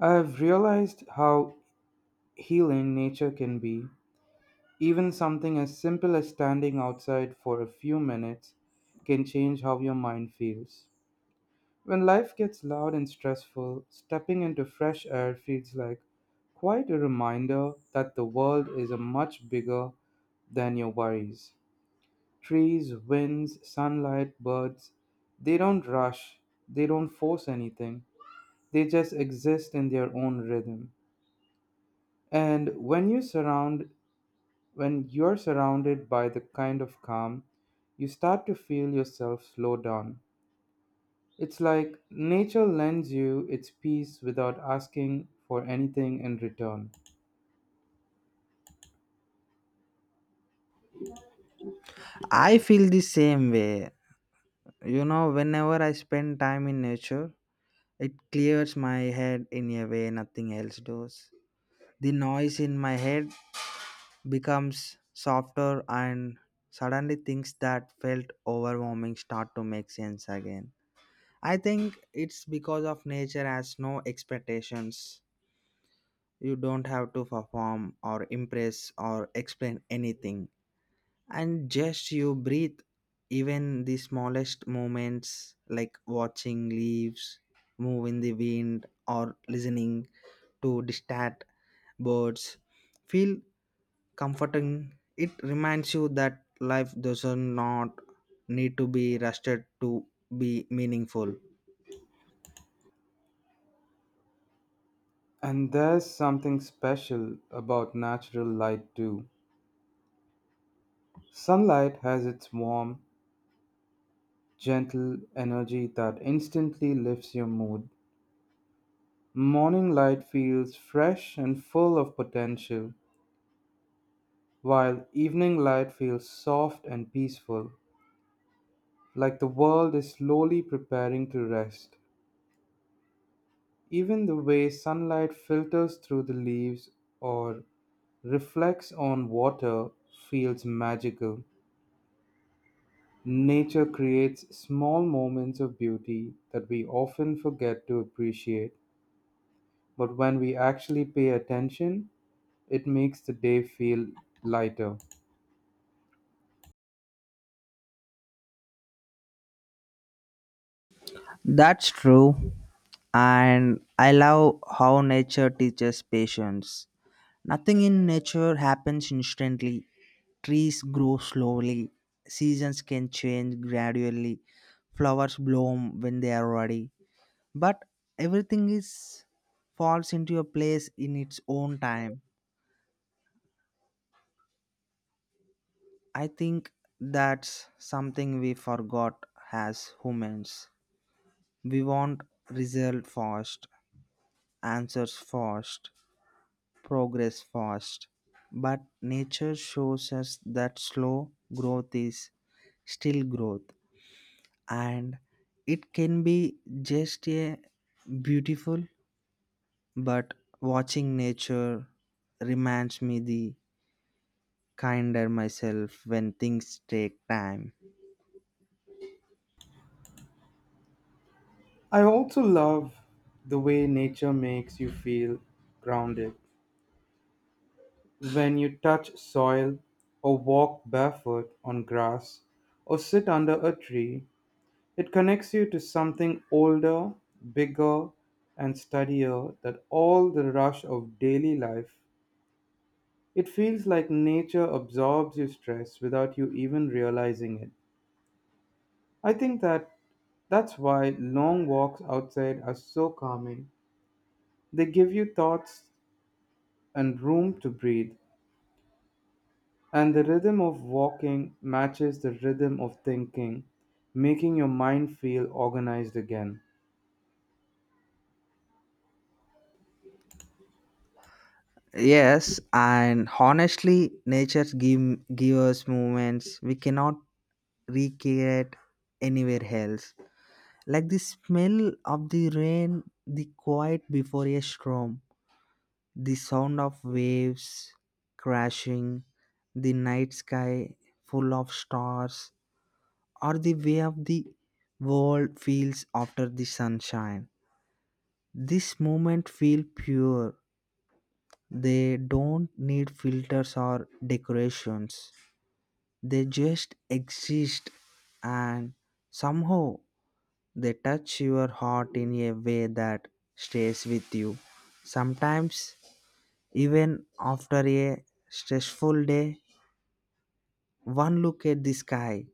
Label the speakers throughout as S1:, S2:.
S1: I've realized how healing nature can be. Even something as simple as standing outside for a few minutes can change how your mind feels. When life gets loud and stressful, stepping into fresh air feels like quite a reminder that the world is a much bigger than your worries. Trees, winds, sunlight, birds, they don't rush, they don't force anything. They just exist in their own rhythm. And when you surround When you're surrounded by the kind of calm, you start to feel yourself slow down. It's like nature lends you its peace without asking for anything in return.
S2: I feel the same way. You know, whenever I spend time in nature, it clears my head in a way nothing else does. The noise in my head becomes softer, and suddenly things that felt overwhelming start to make sense again. I think it's because of nature has no expectations. You don't have to perform or impress or explain anything, and just you breathe. Even the smallest moments like watching leaves move in the wind or listening to distant birds feel comforting. It reminds you that life does not need to be rushed to be meaningful.
S1: And there's something special about natural light too. Sunlight has its warm, gentle energy that instantly lifts your mood. Morning light feels fresh and full of potential, while evening light feels soft and peaceful, like the world is slowly preparing to rest. Even the way sunlight filters through the leaves or reflects on water feels magical. Nature creates small moments of beauty that we often forget to appreciate, but when we actually pay attention, it makes the day feel lighter.
S2: That's true, and I love how nature teaches patience. Nothing in nature happens instantly. Trees grow slowly, seasons can change gradually, flowers bloom when they are ready. But everything is falls into a place in its own time. I think that's something we forgot as humans. We want result fast, answers fast, progress fast. But nature shows us that slow growth is still growth, and it can be just a beautiful, but watching nature reminds me the kinder myself when things take time.
S1: I also love the way nature makes you feel grounded. When you touch soil, or walk barefoot on grass, or sit under a tree, it connects you to something older, bigger, and steadier than all the rush of daily life. It feels like nature absorbs your stress without you even realizing it. I think that that's why long walks outside are so calming. They give you thoughts and room to breathe. And the rhythm of walking matches the rhythm of thinking, making your mind feel organized again.
S2: Yes, and honestly, nature give us moments we cannot recreate anywhere else, like the smell of the rain, the quiet before a storm. The sound of waves crashing, the night sky full of stars, or the way of the world feels after the sunshine. This moment feel pure. They don't need filters or decorations. They just exist, and somehow they touch your heart in a way that stays with you. Sometimes, even after a stressful day, one look at the sky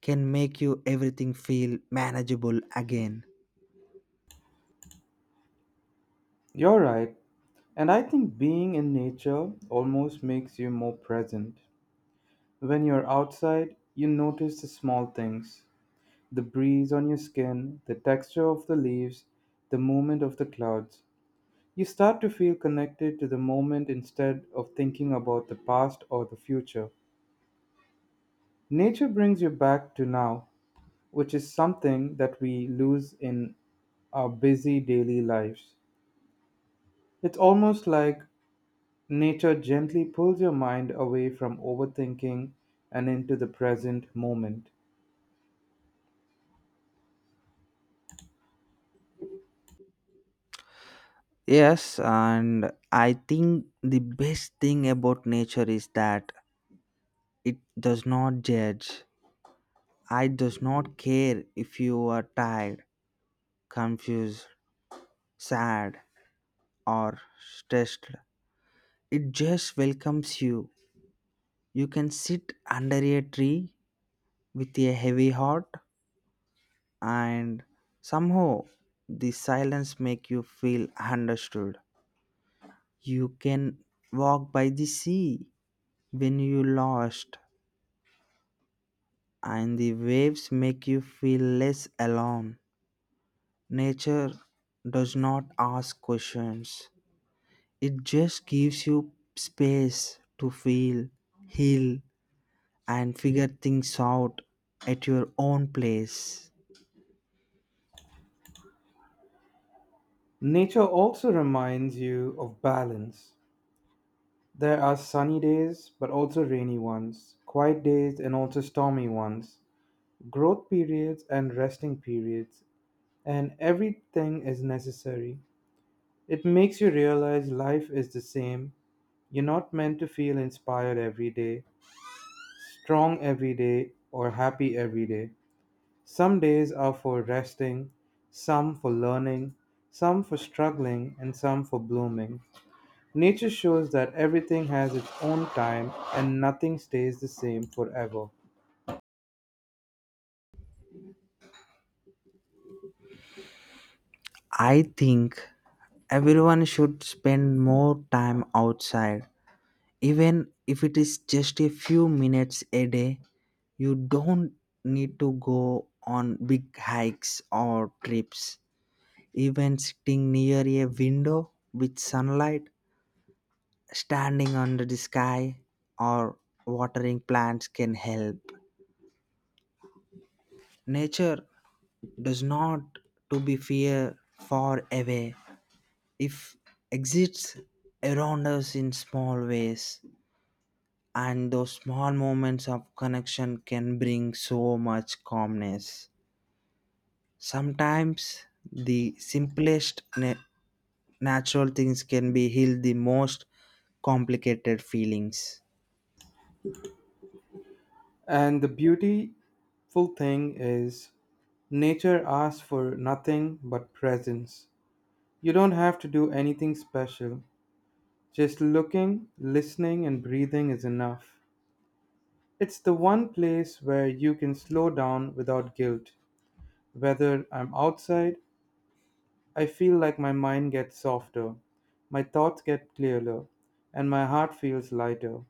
S2: can make you everything feel manageable again.
S1: You're right. And I think being in nature almost makes you more present. When you're outside, you notice the small things, the breeze on your skin, the texture of the leaves, the movement of the clouds. You start to feel connected to the moment instead of thinking about the past or the future. Nature brings you back to now, which is something that we lose in our busy daily lives. It's almost like nature gently pulls your mind away from overthinking and into the present moment.
S2: Yes, and I think the best thing about nature is that it does not judge. I does not care if you are tired, confused, sad, or stressed. It just welcomes you. You can sit under a tree with a heavy heart, and somehow the silence make you feel understood. You can walk by the sea when you lost, and the waves make you feel less alone. Nature does not ask questions, it just gives you space to feel, heal, and figure things out at your own place.
S1: Nature also reminds you of balance. There are sunny days, but also rainy ones, quiet days, and also stormy ones, growth periods, and resting periods, and everything is necessary. It makes you realize life is the same. You're not meant to feel inspired every day, strong every day, or happy every day. Some days are for resting, some for learning, some for struggling, and some for blooming. Nature shows that everything has its own time and nothing stays the same forever.
S2: I think everyone should spend more time outside, even if it is just a few minutes a day. You don't need to go on big hikes or trips. Even sitting near a window with sunlight, standing under the sky, or watering plants can help. Nature does not to be fear far away if exists around us in small ways, and those small moments of connection can bring so much calmness. Sometimes the simplest natural things can be heal the most complicated feelings.
S1: And the beautiful thing is, nature asks for nothing but presence. You don't have to do anything special. Just looking, listening, and breathing is enough. It's the one place where you can slow down without guilt. Whether I'm outside, I feel like my mind gets softer, my thoughts get clearer, and my heart feels lighter.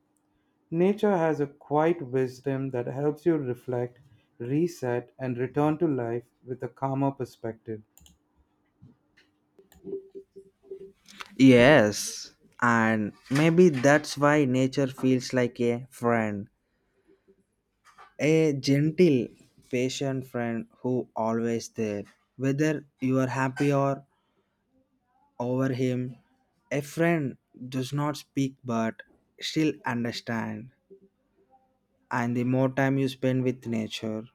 S1: Nature has a quiet wisdom that helps you reflect, reset, and return to life with a calmer perspective.
S2: Yes, and maybe that's why nature feels like a friend, a gentle, patient friend who always there, whether you are happy or over him. A friend does not speak but still understand. And the more time you spend with nature,